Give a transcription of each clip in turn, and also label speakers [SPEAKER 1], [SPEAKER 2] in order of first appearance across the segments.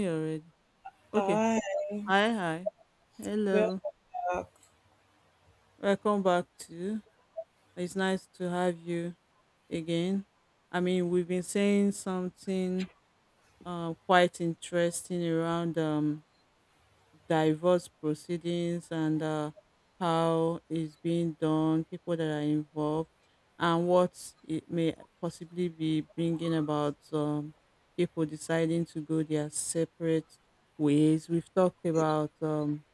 [SPEAKER 1] Me already. Okay.
[SPEAKER 2] Ah,
[SPEAKER 1] Hi, hi.
[SPEAKER 2] well,
[SPEAKER 1] Hello.
[SPEAKER 2] back.
[SPEAKER 1] Welcome back to. It's nice to have you again. I mean, we've been saying something quite interesting around divorce proceedings and how it's being done, people that are involved, and what it may possibly be bringing about people deciding to go their separate ways. We've talked about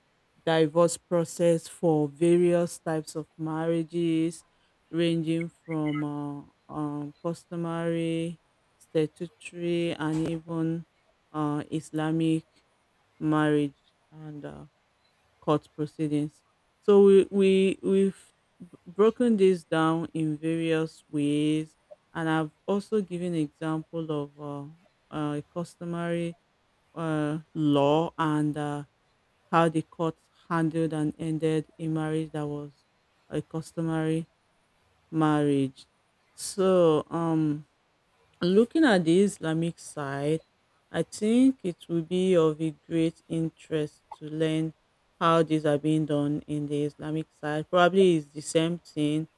[SPEAKER 1] divorce process for various types of marriages, ranging from customary, statutory, and even Islamic marriage and court proceedings. So we've broken this down in various ways, and I've also given example of customary law and how the court handled and ended a marriage that was a customary marriage. So, looking at the Islamic side, I think it will be of a great interest to learn how these are being done in the Islamic side. Probably it's the same thing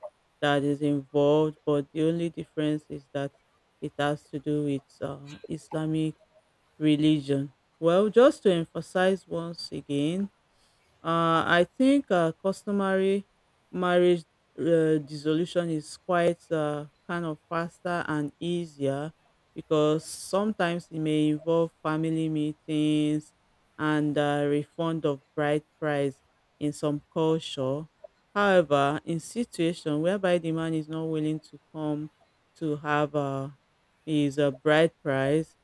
[SPEAKER 1] that is involved, but the only difference is that it has to do with Islamic religion. Well, just to emphasize once again, I think customary marriage dissolution is quite kind of faster and easier because sometimes it may involve family meetings and refund of bride price in some culture. However, in situation whereby the man is not willing to come to have his bride price,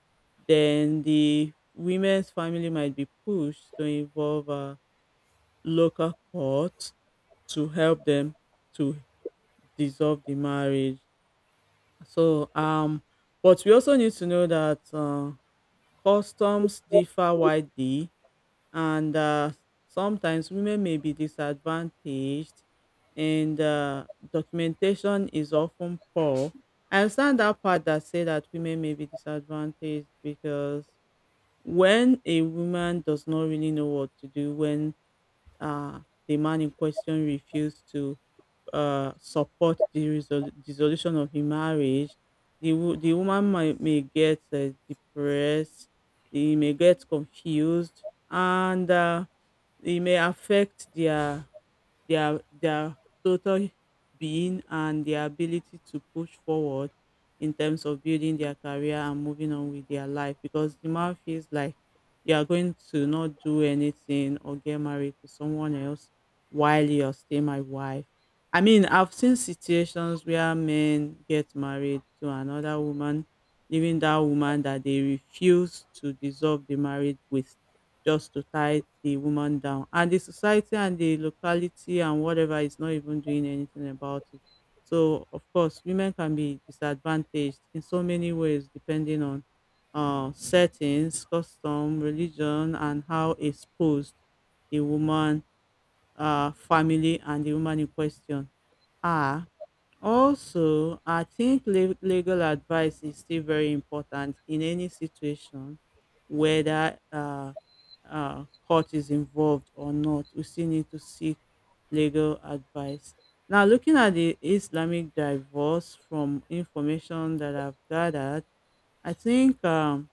[SPEAKER 1] then the women's family might be pushed to involve. Local court to help them to dissolve the marriage. So, but we also need to know that customs differ widely, and sometimes women may be disadvantaged, and documentation is often poor. I understand that part that say that women may be disadvantaged because when a woman does not really know what to do when uh, the man in question refused to support the dissolution of the marriage, the woman may get depressed, they may get confused, and it may affect their total being and their ability to push forward in terms of building their career and moving on with their life because the man feels like you are going to not do anything or get married to someone else while you're still my wife. I mean, I've seen situations where men get married to another woman, leaving that woman that they refuse to dissolve the marriage with just to tie the woman down. And the society and the locality and whatever is not even doing anything about it. So, of course, women can be disadvantaged in so many ways depending on settings, custom, religion, and how exposed the woman, family, and the woman in question are. Also, I think legal advice is still very important in any situation, whether court is involved or not. We still need to seek legal advice. Now, looking at the Islamic divorce from information that I've gathered, I think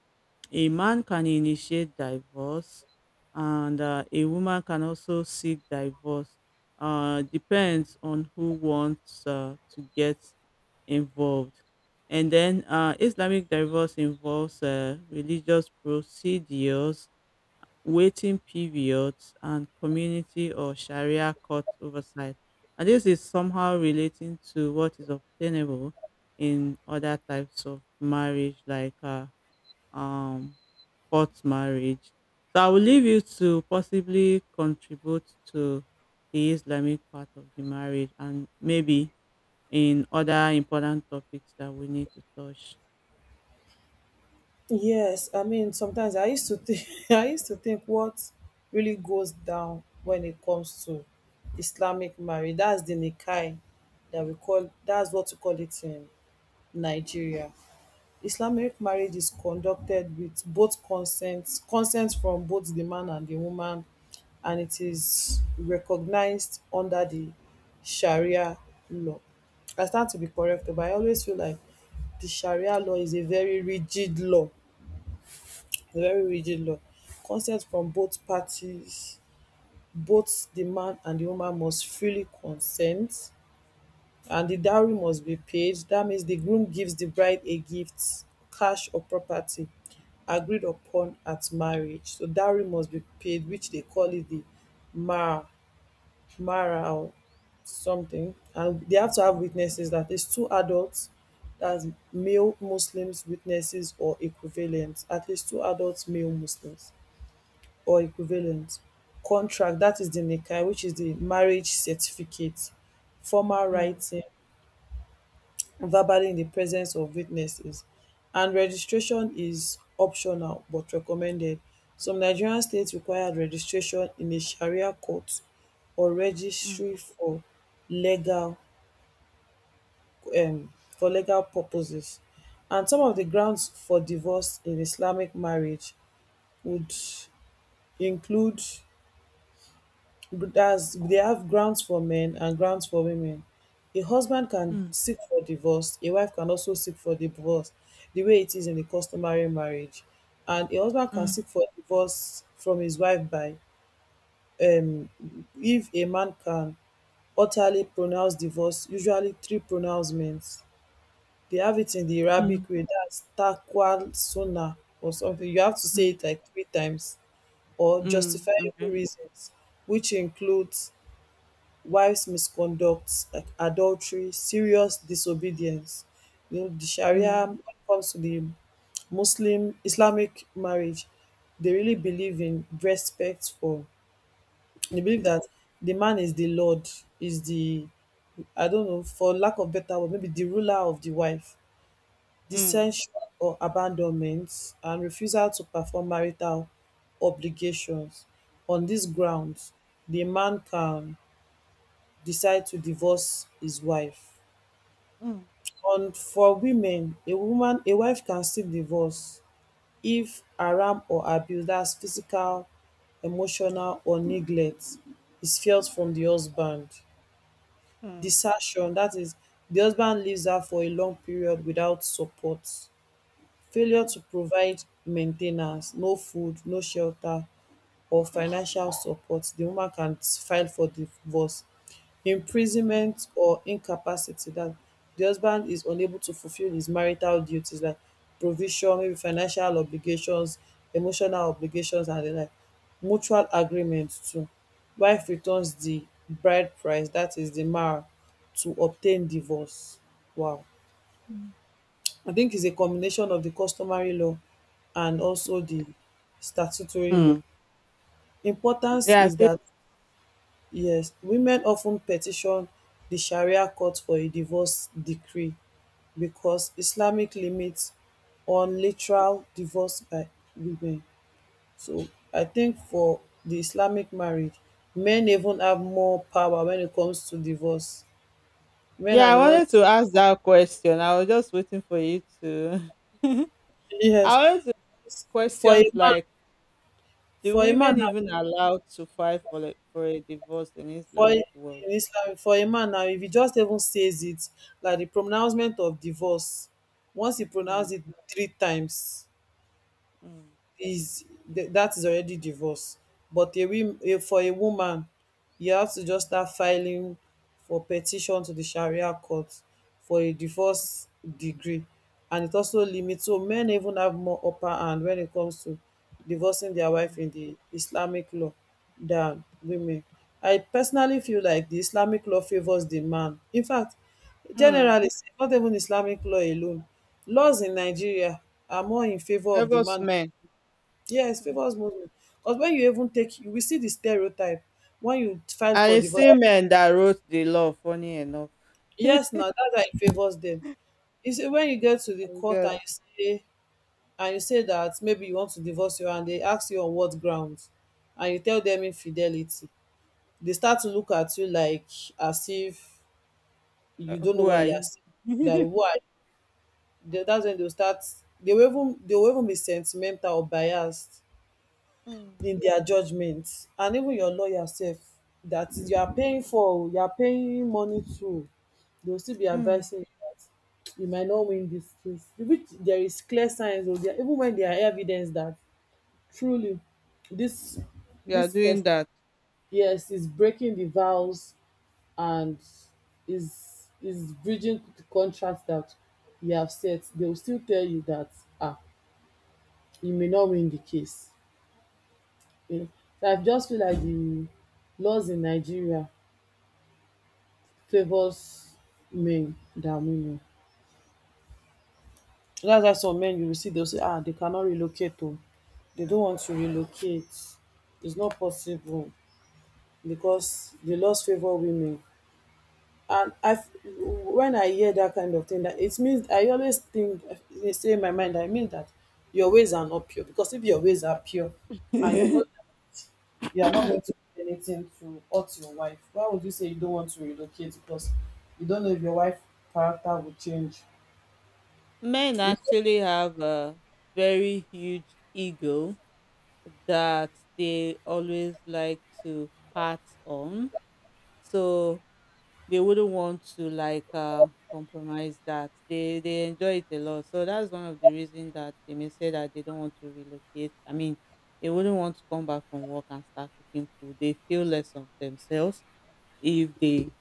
[SPEAKER 1] a man can initiate divorce and a woman can also seek divorce. Depends on who wants to get involved. And then Islamic divorce involves religious procedures, waiting periods, and community or Sharia court oversight. And this is somehow relating to what is obtainable in other types of marriage, like um court marriage. So I will leave you to possibly contribute to the Islamic part of the marriage and maybe in other important topics that we need to touch.
[SPEAKER 2] Yes, I mean sometimes I used to think I used to think what really goes down when it comes to Islamic marriage. That's the Nikai that's what we call it in Nigeria. Islamic marriage is conducted with both consent from both the man and the woman, and it is recognized under the Sharia law. I stand to be corrected, but I always feel like the Sharia law is a very rigid law, a very rigid law. Consent from both parties, both the man and the woman must freely consent, and the dowry must be paid. That means the groom gives the bride a gift, cash or property agreed upon at marriage. So dowry must be paid, which they call it the mar, mara or something. And they have to have witnesses, that is two adults, that's male Muslims witnesses or equivalent, at least two adult male Muslims or equivalent. Contract, that is the nikah, which is the marriage certificate, formal
[SPEAKER 1] Mm,
[SPEAKER 2] writing verbally in the presence of witnesses, and registration is optional but recommended. Some Nigerian states require registration in a Sharia court or
[SPEAKER 1] mm,
[SPEAKER 2] registry legal for legal purposes. And some of the grounds for divorce in Islamic marriage would include they have grounds for men and grounds for women. A husband can
[SPEAKER 1] mm,
[SPEAKER 2] seek for divorce, a wife can also seek for divorce, the way it is in the customary marriage. And a husband can
[SPEAKER 1] mm,
[SPEAKER 2] seek for divorce from his wife um, if a man can utterly pronounce divorce, usually three pronouncements. They have it in the
[SPEAKER 1] mm,
[SPEAKER 2] Arabic way, that's taqwa sunnah or something. You have to say
[SPEAKER 1] mm,
[SPEAKER 2] it like three times or
[SPEAKER 1] mm,
[SPEAKER 2] justifiable
[SPEAKER 1] okay.
[SPEAKER 2] reasons, which includes wives misconduct like adultery, serious disobedience. You know, the Sharia
[SPEAKER 1] Mm,
[SPEAKER 2] when it comes to the Muslim Islamic marriage, they really believe in respect for they believe that the man is the Lord, is the I don't know, for lack of better word, maybe the ruler of the wife.
[SPEAKER 1] mm,
[SPEAKER 2] Dissension or abandonment and refusal to perform marital obligations. On these
[SPEAKER 1] mm,
[SPEAKER 2] grounds, the man can decide to divorce his wife.
[SPEAKER 1] mm,
[SPEAKER 2] And for women, a wife can still divorce if haram or abuse, that's physical, emotional, or neglect, is felt from the husband.
[SPEAKER 1] mm,
[SPEAKER 2] Desertion, that is, the husband leaves her for a long period without support. Failure to provide main ten ance, no food, no shelter or financial support, di woman can file for divorce.
[SPEAKER 1] mm,
[SPEAKER 2] Imprisonment or incapacity, dat di husband is unable to fulfil his marital duties like provision, maybe financial obligations, emotional obligations, and di like. Mutual agreement too, wife returns di bride price, dat is di mara, to obtain divorce. Wow.
[SPEAKER 1] mm.
[SPEAKER 2] I think it's a combination of the customary law and also the statutory law.
[SPEAKER 1] Hmm.
[SPEAKER 2] Importance
[SPEAKER 1] Yeah,
[SPEAKER 2] is that, yes, women often petition the Sharia court for a divorce decree because Islamic limits on literal divorce by women. So I think for the Islamic marriage, men even have more power when it comes to divorce. Men are
[SPEAKER 1] yeah. I
[SPEAKER 2] the ones,
[SPEAKER 1] wanted to ask that question. I was just waiting for you to.
[SPEAKER 2] yes.
[SPEAKER 1] I wanted to
[SPEAKER 2] For a
[SPEAKER 1] questions
[SPEAKER 2] man,
[SPEAKER 1] like the
[SPEAKER 2] for a man
[SPEAKER 1] women even allowed to fight for a divorce in
[SPEAKER 2] for In
[SPEAKER 1] Islamic world.
[SPEAKER 2] Islam, for a man now, if he just even says it, like the pronouncement of divorce, once he
[SPEAKER 1] Mm,
[SPEAKER 2] pronounced it three times,
[SPEAKER 1] mm,
[SPEAKER 2] is that is already divorce, but a, wom- a for a woman you have to just start filing for petition to the Sharia court for a divorce degree, and it also limits. So men even have more upper hand when it comes to divorcing their wife
[SPEAKER 1] mm,
[SPEAKER 2] in the Islamic law than women. I personally feel like the Islamic law favors the man. In fact, generally,
[SPEAKER 1] mm.
[SPEAKER 2] not even Islamic law alone, laws in Nigeria are more in favor of the
[SPEAKER 1] Favors
[SPEAKER 2] man.
[SPEAKER 1] men.
[SPEAKER 2] Yes, favors
[SPEAKER 1] Mm.
[SPEAKER 2] most. Because when you even take, you will see the stereotype when you file
[SPEAKER 1] And
[SPEAKER 2] for
[SPEAKER 1] it's
[SPEAKER 2] divorce.
[SPEAKER 1] still men that wrote the law, funny enough.
[SPEAKER 2] Yes, now that guy favors them. You see, when you get to the
[SPEAKER 1] I
[SPEAKER 2] court
[SPEAKER 1] guess,
[SPEAKER 2] say and you say that maybe you want to divorce you and they ask you on what grounds, and you tell them infidelity, they start to look at you like as if you don't know
[SPEAKER 1] who
[SPEAKER 2] what
[SPEAKER 1] are
[SPEAKER 2] you are
[SPEAKER 1] you?
[SPEAKER 2] saying. That why that's when they will start. They will even be sentimental or biased
[SPEAKER 1] Mm,
[SPEAKER 2] in their judgment, and even your lawyer sef that is you are paying for oo, you are paying money to, they will still be
[SPEAKER 1] mm.
[SPEAKER 2] advising you that you might not win this case, which there is clear signs oo, there even when there are evidence that truly this
[SPEAKER 1] You are
[SPEAKER 2] this
[SPEAKER 1] doing
[SPEAKER 2] person,
[SPEAKER 1] that.
[SPEAKER 2] yes, is breaking the vows, and is breaching the contract that you have set, they will still tell you that ah, you may not win the case. Yeah. So I just feel like the laws in Nigeria favors men than women. That's why some men you will see they'll say, ah, they cannot relocate oh. They don't want to relocate. It's not possible because the laws favor women. And I, when I hear that kind of thing, that it means I always think, they say in my mind, I mean that your ways are not pure, because if your ways are pure, and you know you are not going to do anything to hurt your wife, why would you say you don't want to relocate? Because you don't know if your wife character will change.
[SPEAKER 1] Men actually have a very huge ego that they always like to pat on, so they wouldn't want to like compromise, that they enjoy it a lot, so that's one of the reasons that they may say that they don't want to relocate. I mean, they wouldn't want to come back from work and start cooking food, they feel less of themselves if they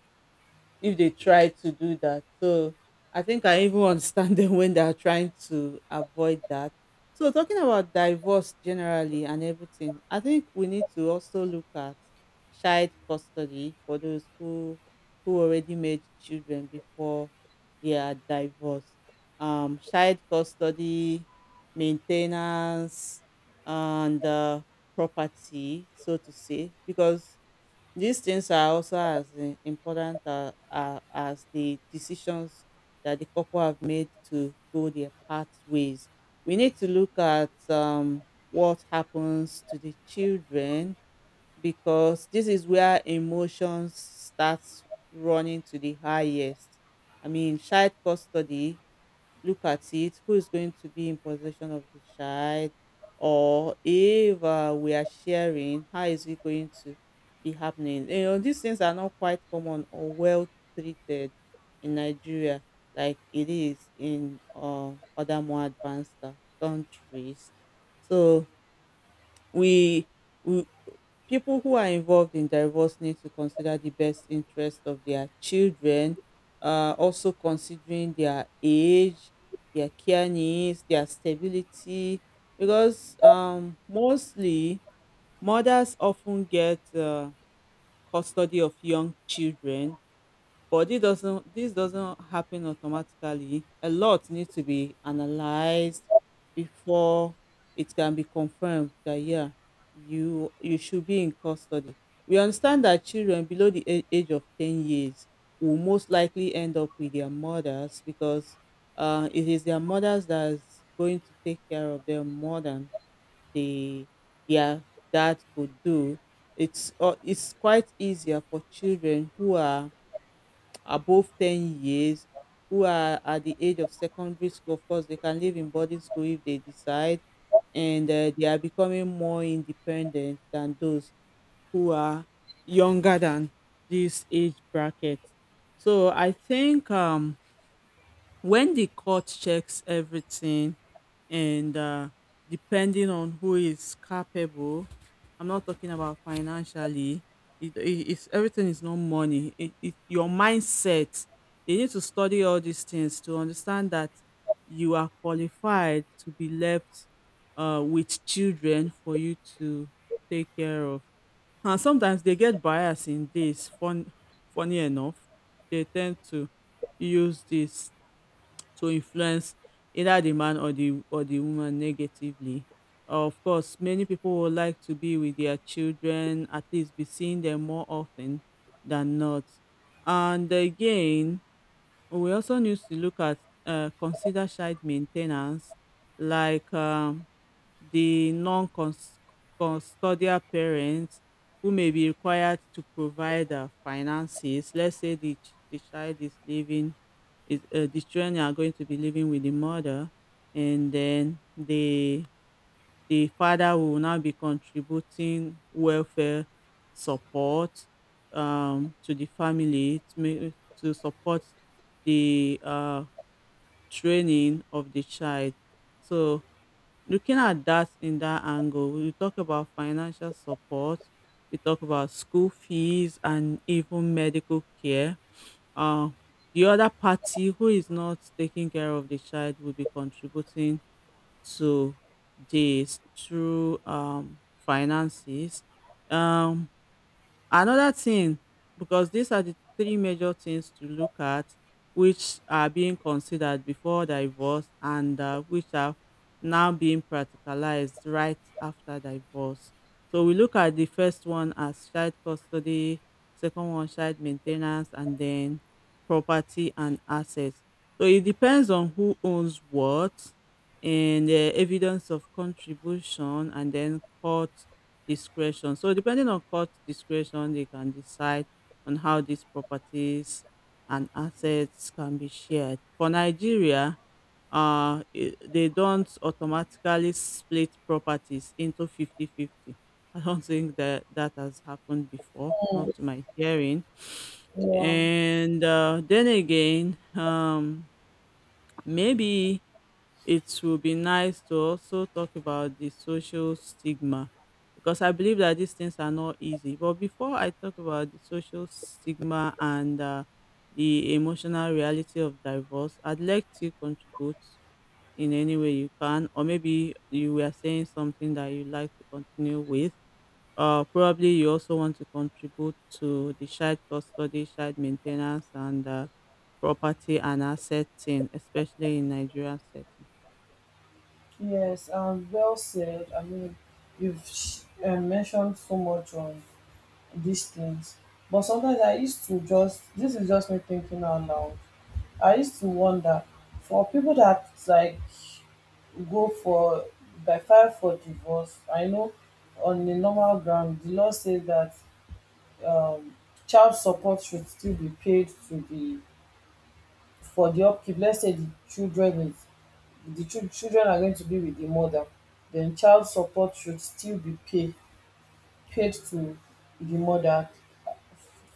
[SPEAKER 1] if they try to do that. So I think I even understand them when they are trying to avoid that. So talking about divorce generally and everything, I think we need to also look at child custody for those who already made children before they are divorced. Child custody, maintenance, and property, so to say, because these things are also as important as the decisions that the couple have made to go their pathways. We need to look at what happens to the children because this is where emotions starts running to the highest. I mean, child custody, look at it, who is going to be in possession of the child, or if we are sharing, how is it going to be happening. These things are not quite common or well treated in Nigeria like it is in other more advanced countries. So we, we people who are involved in divorce need to consider the best interest of their children, also considering their age, their care needs, their stability, because mostly mothers often get custody of young children. But this doesn't happen automatically. A lot needs to be analyzed before it can be confirmed that yeah, you should be in custody. We understand that children below the age of 10 years will most likely end up with their mothers because it is their mothers that's going to take care of them more than they their dad could do. It's quite easier for children who are above 10 years who are at the age of secondary school. Of course, they can live in boarding school if they decide, and they are becoming more independent than those who are younger than this age bracket. So I think when the court checks everything and depending on who is capable. I'm not talking about financially. It's everything is not money. Your mindset, you need to study all these things to understand that you are qualified to be left with children for you to take care of. And sometimes they get biased in this funny enough, they tend to use this to influence either the man or the woman negatively. Of course, many people would like to be with their children, at least be seeing them more often than not. And again, we also need to look at consider child maintenance, like the custodial parents who may be required to provide finances. Let's say the child is living, the children are going to be living with the mother, and then the father will now be contributing welfare support to the family to support the training of the child. So looking at that in that angle, we talk about financial support, we talk about school fees and even medical care. Uh, the other party who is not taking care of the child will be contributing to this through finances. Um, Another thing, because these are the three major things to look at which are being considered before divorce and which are now being practicalized right after divorce. So we look at the first one as child custody, second one child maintenance, and then property and assets. So it depends on who owns what and the evidence of contribution and then court discretion. So depending on court discretion, they can decide on how these properties and assets can be shared. For Nigeria, they don't automatically split properties into fifty-fifty. I don't think that that has happened before, not to my hearing.
[SPEAKER 2] Yeah.
[SPEAKER 1] And then again, maybe it will be nice to also talk about the social stigma because I believe that these things are not easy. But before I talk about the social stigma and the emotional reality of divorce, I'd like to contribute in any way you can, or maybe you were saying something that you'd like to continue with. Probably you also want to contribute to the child custody, child maintenance, and property and asset thing, especially in Nigerian setting.
[SPEAKER 2] Yes, well said. I mean you've mentioned so much on these things. But sometimes I used to just, this is just me thinking out loud, I used to wonder for people that like go for by file for divorce. I know on the normal ground the law says that um child support should still be paid to the for the upkeep. Let's say the children is the chil- children are going to be with the mother, then child support should still be paid to the mother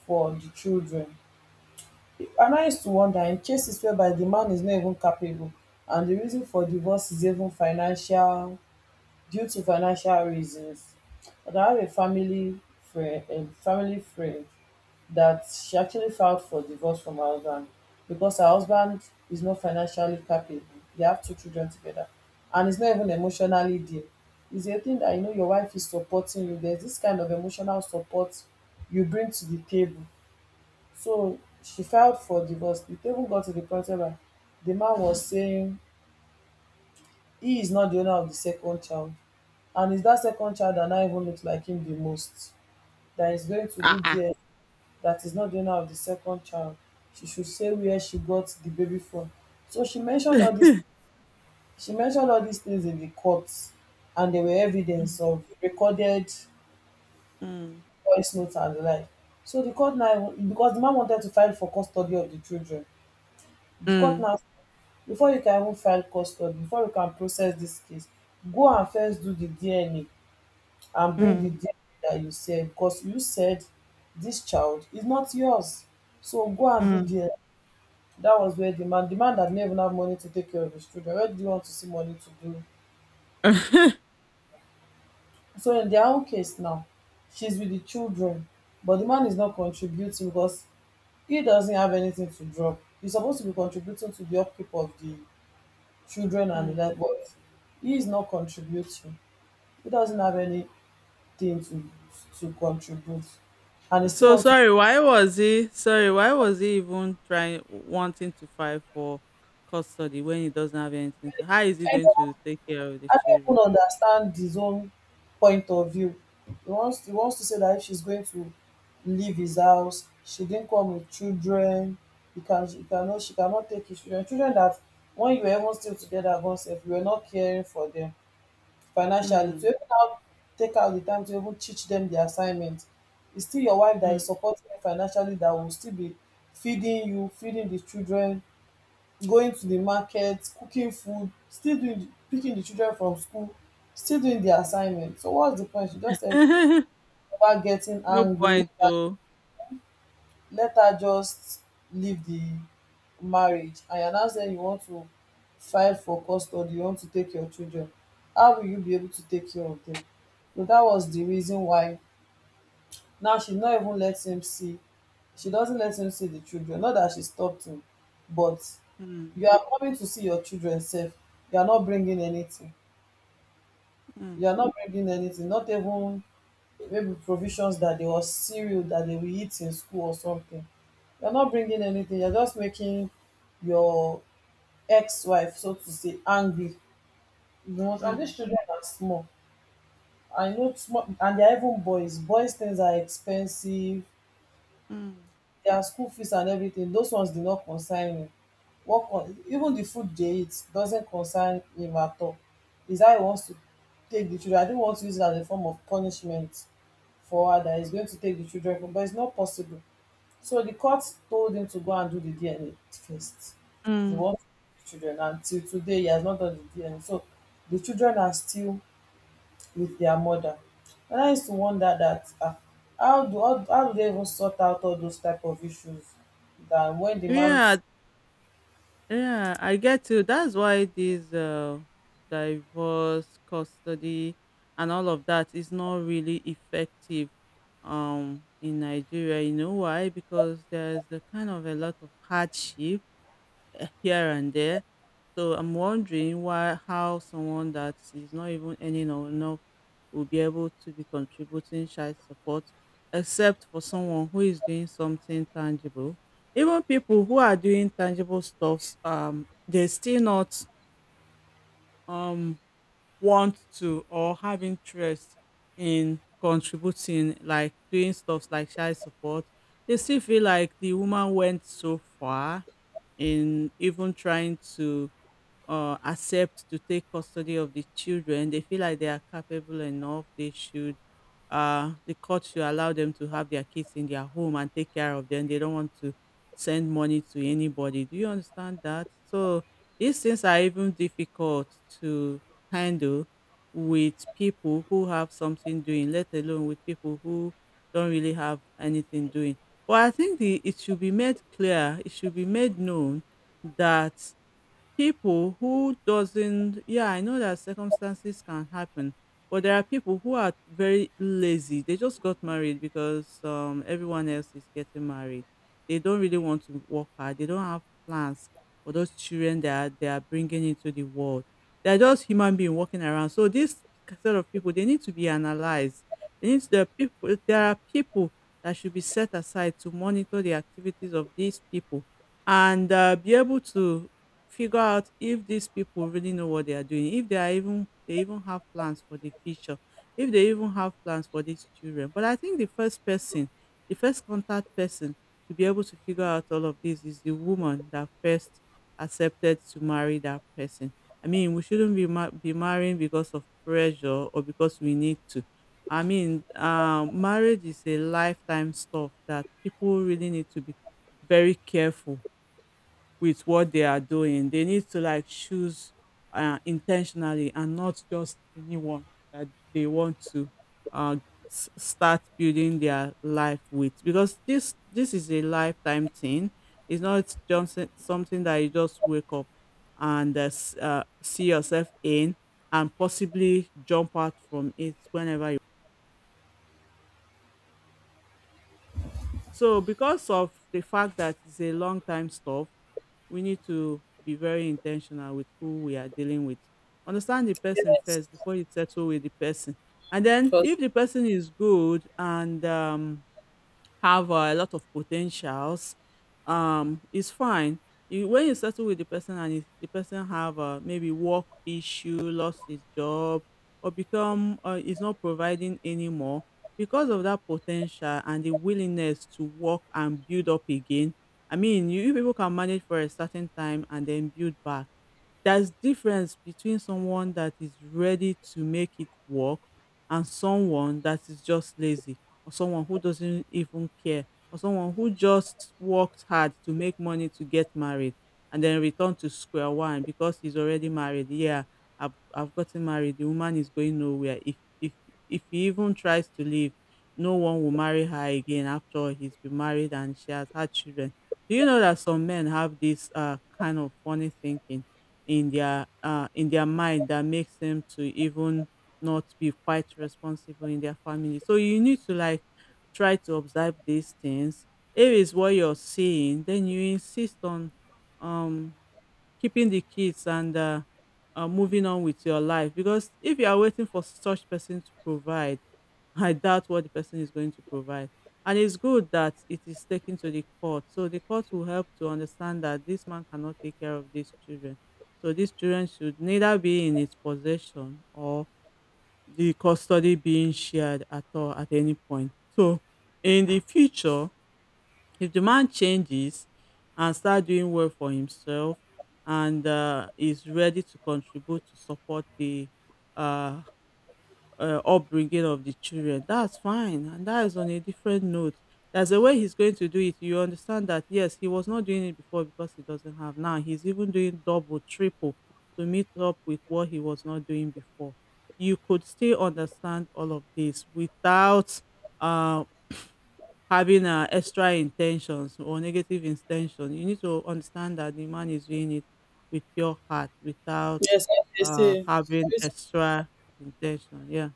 [SPEAKER 2] for the children. And I used to wonder in cases whereby the man is not even capable, and the reason for divorce is even financial, due to financial reasons. But I have a family friend that she actually filed for divorce from her husband because her husband is not financially capable. They have two children together, and it's not even emotionally there. It's a thing that you know your wife is supporting you. There's this kind of emotional support you bring to the table. So she filed for divorce. The table got to the point where the man was saying he is not the owner of the second child. And it's that second child that now even looks like him the most, that is going to do
[SPEAKER 1] Ah, ah.
[SPEAKER 2] DL, that is not the owner of the second child. She should say where she got the baby from. So she mentioned all these things in the court, and there were
[SPEAKER 1] Mm,
[SPEAKER 2] evidence of recorded
[SPEAKER 1] mm,
[SPEAKER 2] voice notes and the like. So the court now, because the man wanted to file for custody of the children, the court
[SPEAKER 1] mm.
[SPEAKER 2] now, before you can even file custody, before you can process this case, go and first do the DNA and bring the
[SPEAKER 1] Mm,
[SPEAKER 2] DNA that you said, because you said this child is not yours. So go and do
[SPEAKER 1] mm.
[SPEAKER 2] DNA. That was where the man that didn't even have money to take care of his children, where do you want to see money to do? So in their own case now, she's with the children, but the man is not contributing because he doesn't have anything to drop. He's supposed to be contributing to the upkeep of the children and the
[SPEAKER 1] Mm.
[SPEAKER 2] like, but he is not contributing. He doesn't have anything to to contribute, and he still
[SPEAKER 1] So
[SPEAKER 2] wants
[SPEAKER 1] sorry, why was he even trying wanting to fight for custody when he doesn't have anything to how is he going
[SPEAKER 2] to.
[SPEAKER 1] to take care of the
[SPEAKER 2] I don't even
[SPEAKER 1] children?
[SPEAKER 2] understand his own point of view. He wants to say that if she's going to leave his house, she didn't come with children, he can he cannot she cannot take his children. Children that when you were even still together, once, if you were not caring for them financially. To
[SPEAKER 1] Mm,
[SPEAKER 2] even now take out the time to even teach them the assignment. It's still your wife that
[SPEAKER 1] mm.
[SPEAKER 2] is supporting you financially that will still be feeding you, feeding the children, going to the market, cooking food, still doing the, picking the children from school, still doing the assignment. So what's the point? She just said about getting
[SPEAKER 1] No
[SPEAKER 2] angry.
[SPEAKER 1] point though.
[SPEAKER 2] Let her just leave the marriage. And you're now saying you want to file for custody, you want to take your children. How will you be able to take care of them? So that was the reason why now she not even lets him see she doesn't let him see the children. Not that she stopped him, but
[SPEAKER 1] Mm,
[SPEAKER 2] you are coming to see your children sef, you are not bringing anything,
[SPEAKER 1] mm,
[SPEAKER 2] you are not bringing anything, not even maybe provisions that they or cereal that they will eat in school or something. You are not bringing anything, you are just making your ex-wife, so to say, angry. And
[SPEAKER 1] mm,
[SPEAKER 2] these children are small, I know small, and they are even boys, boys things are expensive.
[SPEAKER 1] mm.
[SPEAKER 2] Their school fees and everything, those ones did not concern him. What on even the food they eat doesn't concern him at all. Is how he wants to take the children. I don't want to use it as a form of punishment for her, that he's going to take the children from, but it's not possible. So the court told him to go and do the DNA first. He
[SPEAKER 1] Mm.
[SPEAKER 2] wants to take the children, and till today he has not done the DNA, so the children are still with their mother. And I used to wonder that, ah, how do they even sort out all those type of issues, that when the
[SPEAKER 1] Yeah,
[SPEAKER 2] man's...
[SPEAKER 1] yeah, I get you. That's why this divorce, custody, and all of that is not really effective in Nigeria. You know why? Because there's a kind of a lot of hardship here and there. So I'm wondering why how someone that is not even earning or enough will be able to be contributing child support, except for someone who is doing something tangible. Even people who are doing tangible stuffs, they still not um want to or have interest in contributing, like doing stuffs like child support. They still feel like the woman went so far in even trying to accept to take custody of the children. They feel like they are capable enough. They should, the court should allow them to have their kids in their home and take care of them. They don't want to send money to anybody. Do you understand that? So these things are even difficult to handle with people who have something doing, let alone with people who don't really have anything doing. But I think it should be made clear, it should be made known that people who doesn't. Yeah, I know that circumstances can happen, but there are people who are very lazy. They just got married because everyone else is getting married. They don't really want to work hard. They don't have plans for those children that they are bringing into the world. They're just human being walking around. So this sort of people, they need to be analyzed. There are people that should be set aside to monitor the activities of these people and be able to figure out if these people really know what they are doing, if they are even they even have plans for the future, if they even have plans for these children. But I think the first person, the first contact person to be able to figure out all of this is the woman that first accepted to marry that person. I mean, we shouldn't be ma- be marrying because of pressure or because we need to. I mean, marriage is a lifetime stuff that people really need to be very careful with what they are doing. They need to like choose intentionally and not just anyone that they want to uh, start building their life with, because this is a lifetime thing. It's not just something that you just wake up and see yourself in and possibly jump out from it whenever. So because of the fact that it's a long time stuff, we need to be very intentional with who we are dealing with. Understand the person
[SPEAKER 2] Yes,
[SPEAKER 1] first before you settle with the person. And then
[SPEAKER 2] because
[SPEAKER 1] if the person is good and have a lot of potentials, it's fine. When you settle with the person and if the person have maybe work issue, lost his job or become is not providing anymore, because of that potential and the willingness to work and build up again, I mean you people can manage for a certain time and then build back. There's difference between someone that is ready to make it work and someone that is just lazy, or someone who doesn't even care, or someone who just worked hard to make money to get married and then return to square one because he's already married. Yeah, I've gotten married, the woman is going nowhere. If he even tries to leave, no one will marry her again. After all, he's been married and she has had children. Do you know that some men have this kind of funny thinking in their in their mind that makes them to even not be quite responsible in their family. So you need to like try to observe these things. If it's what you're seeing, then you insist on um keeping the kids and moving on with your life, because if you are waiting for such person to provide, I doubt what the person is going to provide. And it's good that it is taken to the court, so the court will help to understand that this man cannot take care of these children. So these children should neither be in his possession or the custody being shared at all at any point. So in the future, if the man changes and start doing well for himself and is ready to contribute to support the uh, upbringing of the children, that's fine. And that is on a different note. There's a way he's going to do it. You understand that, yes, he was not doing it before because he doesn't have. Now he's even doing double, triple to meet up with what he was not doing before. You could still understand all of this without uh, having extra intentions or negative intention. You need to understand that the man is doing it with pure heart, without
[SPEAKER 2] yes, as they say,
[SPEAKER 1] having
[SPEAKER 2] sorry
[SPEAKER 1] extra intention. Yeah.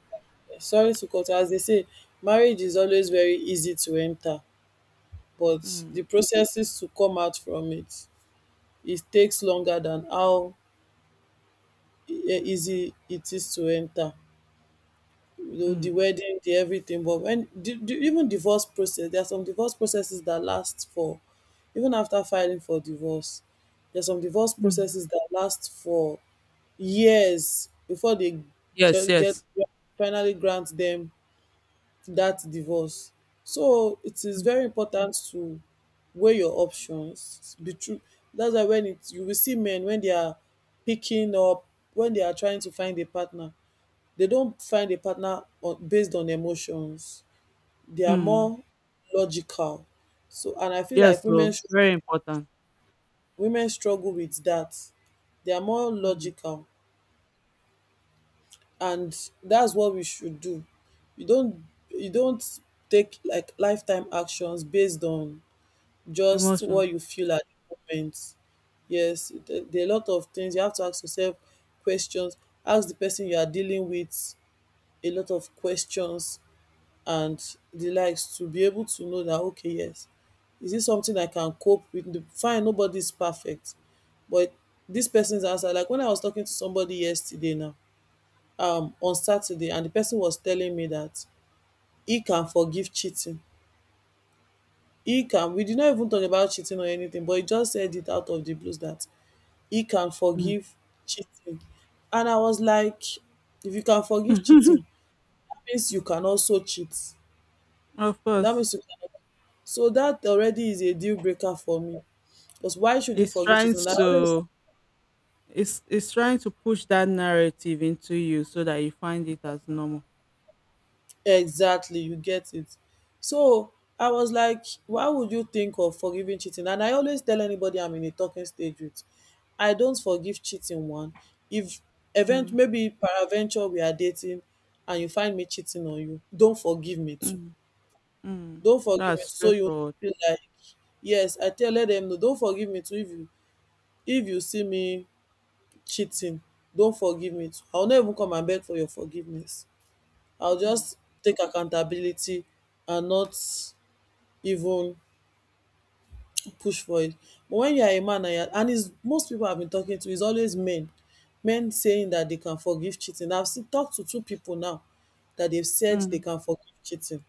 [SPEAKER 2] sorry to cut you, as they say, marriage is always very easy to enter, but the
[SPEAKER 1] Mm,
[SPEAKER 2] processes to come out from it, it takes longer than how easy it is to enter. You know the
[SPEAKER 1] mm,
[SPEAKER 2] wedding, the everything. But when the even divorce process, there are some divorce processes that last for even after filing for divorce. There's some divorce
[SPEAKER 1] mm.
[SPEAKER 2] processes that last for years before they
[SPEAKER 1] Yes.
[SPEAKER 2] get
[SPEAKER 1] Yes.
[SPEAKER 2] finally grant them that divorce. So it is
[SPEAKER 1] Mm.
[SPEAKER 2] very important to weigh your options. Be true. That's why when it you will see men, when they are picking up, when they are trying to find a partner, they don't find a partner on, based on emotions. They are
[SPEAKER 1] Mm.
[SPEAKER 2] more logical. So, and I feel like
[SPEAKER 1] Yes. So very important.
[SPEAKER 2] women struggle with that. They are more
[SPEAKER 1] Mm.
[SPEAKER 2] logical, and that's what we should do. You don't you don't take like lifetime actions based on just
[SPEAKER 1] Emotion.
[SPEAKER 2] what you feel at the moment. Yes, there are a lot of things you have to ask yourself questions. Ask the person you are dealing with a lot of questions and the likes, to be able to know that, okay, yes, is this something I can cope with? The fine, nobody's perfect, but this person's answer, like when I was talking to somebody yesterday now, on Saturday, and the person was telling me that he can forgive cheating. He can, we did not even talk about cheating or anything, but he just said it out of the blues that he can
[SPEAKER 1] Mm.
[SPEAKER 2] forgive cheating. And I was like, if you can forgive cheating, that means you can also cheat,
[SPEAKER 1] Of
[SPEAKER 2] that
[SPEAKER 1] course,
[SPEAKER 2] means you can. So that already is a deal breaker for me. Because why should you
[SPEAKER 1] it's
[SPEAKER 2] forgive
[SPEAKER 1] trying
[SPEAKER 2] cheating? And I always...
[SPEAKER 1] to. It's trying to push that narrative into you so that you find it as normal.
[SPEAKER 2] exactly, you get it. So I was like, why would you think of forgiving cheating? And I always tell anybody I'm in a talking stage with, I don't forgive cheating, one. If event
[SPEAKER 1] Mm,
[SPEAKER 2] maybe paraventure we are dating and you find me cheating on you, don't forgive me too.
[SPEAKER 1] mm, mm.
[SPEAKER 2] Don't forgive me
[SPEAKER 1] That's
[SPEAKER 2] too. So you
[SPEAKER 1] straightforward.
[SPEAKER 2] feel like, yes, I tell, let them, no, don't forgive me too. If you see me cheating, don't forgive me too. I'll not even come and beg for your forgiveness. I'll
[SPEAKER 1] Mm.
[SPEAKER 2] just take accountability and not even push for it. But when you are a man and, you're, and it's, most people I've been talking to is always men, men saying that they can forgive cheating. I've seen, talked to two people now that they've said they
[SPEAKER 1] Mm,
[SPEAKER 2] can forgive cheating.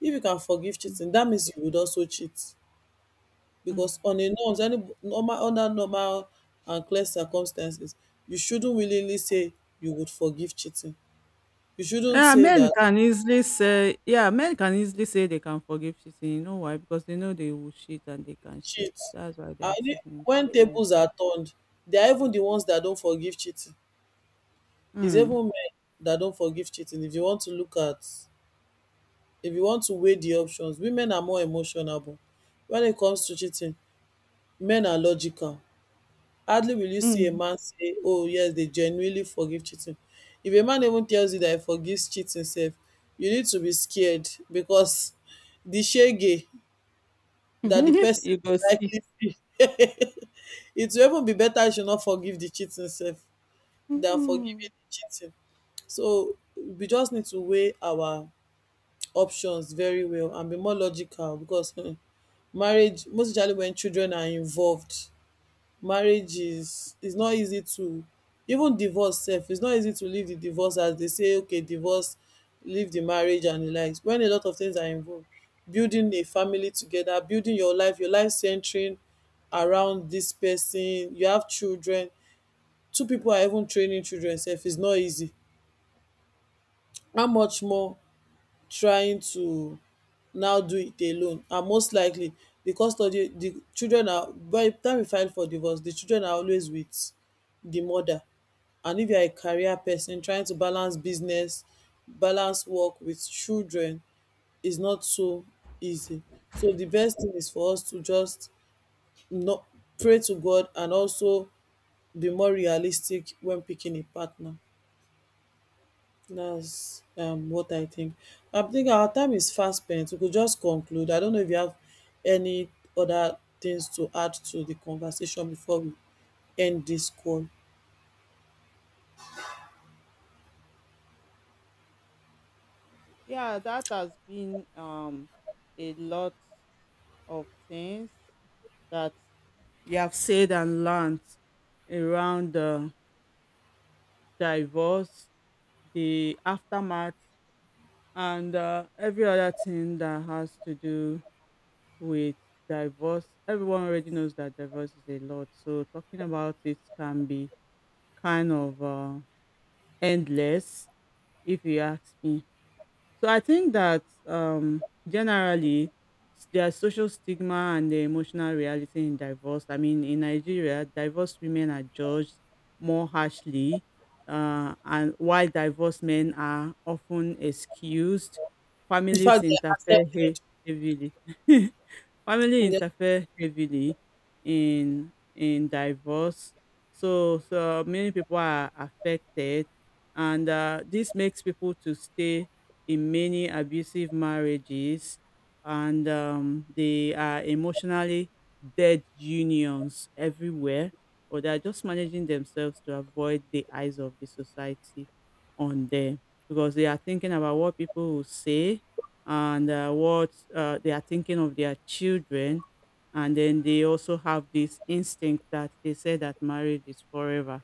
[SPEAKER 2] If you can forgive
[SPEAKER 1] mm,
[SPEAKER 2] cheating, that means you would also cheat,
[SPEAKER 1] mm.
[SPEAKER 2] because on a norms, any normal, under normal and clear circumstances, you shouldn't willingly say you would forgive cheating. You shouldn't
[SPEAKER 1] Yeah,
[SPEAKER 2] say
[SPEAKER 1] men
[SPEAKER 2] that
[SPEAKER 1] can easily say, yeah, men can easily say they can forgive cheating. You know why? Because they know they will cheat and they can cheat.
[SPEAKER 2] cheat.
[SPEAKER 1] That's why they are
[SPEAKER 2] And
[SPEAKER 1] sitting
[SPEAKER 2] when
[SPEAKER 1] saying
[SPEAKER 2] tables are turned, they are even the ones that don't forgive cheating.
[SPEAKER 1] it.
[SPEAKER 2] It's
[SPEAKER 1] Mm.
[SPEAKER 2] even men that don't forgive cheating. If you want to look at, if you want to weigh the options, women are more emotional. But when it comes to cheating, men are logical. Hardly will you see a man say, "Oh yes, they genuinely forgive cheating." If a man even tells you that he forgives cheating, self, you need to be scared because the shege
[SPEAKER 1] Mm.
[SPEAKER 2] that the person
[SPEAKER 1] You go
[SPEAKER 2] will
[SPEAKER 1] see.
[SPEAKER 2] likely feel it will even be better if you not forgive the cheating sef than forgiving
[SPEAKER 1] Mm.
[SPEAKER 2] the cheating. So we just need to weigh our options very well and be more logical because marriage, most especially when children are involved, marriage is not easy to, even divorce sef is not easy to leave the divorce, as they say, okay, divorce, leave the marriage and the likes. When a lot of things are involved, building a family together, building your life centering around dis person, you have children, two people are even training children sef is not easy, how much more trying to now do it alone. And most likely the custody, the children are, by the time you file for divorce, the children are always with the mother. And if you are a career person trying to balance business, balance work with children, is not so easy. So the best thing is for us to just not pray to God, and also be more realistic when picking a partner. That's what I think. I think our time is fast spent. We could just conclude. I don't know if you have any other things to add to the conversation before we end this call.
[SPEAKER 1] Yeah, that has been a lot of things that you have said and learned around divorce, the aftermath, and every other thing that has to do with divorce. Everyone already knows that divorce is a lot. So talking about it can be kind of endless, if you ask me. So I think that generally there's social stigma and the emotional reality in divorce. I mean, in Nigeria, divorced women are judged more harshly, and while divorced men are often excused,
[SPEAKER 2] In
[SPEAKER 1] families
[SPEAKER 2] fact, they
[SPEAKER 1] interfere hea-
[SPEAKER 2] accepted.
[SPEAKER 1] heavily. Family
[SPEAKER 2] Yeah.
[SPEAKER 1] interfere heavily in divorce, so so many people are affected, and this makes people to stay in many abusive marriages, and they are emotionally dead unions everywhere, or they are just managing themselves to avoid the eyes of the society on them, because they are thinking about what people will say and what they are thinking of their children. And then they also have this instinct that they say that marriage is forever.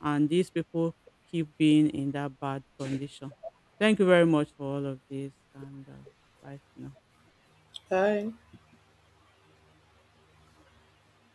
[SPEAKER 1] And these people keep being in that bad condition. Thank you very much for all of this, and bye for now.
[SPEAKER 2] Bye.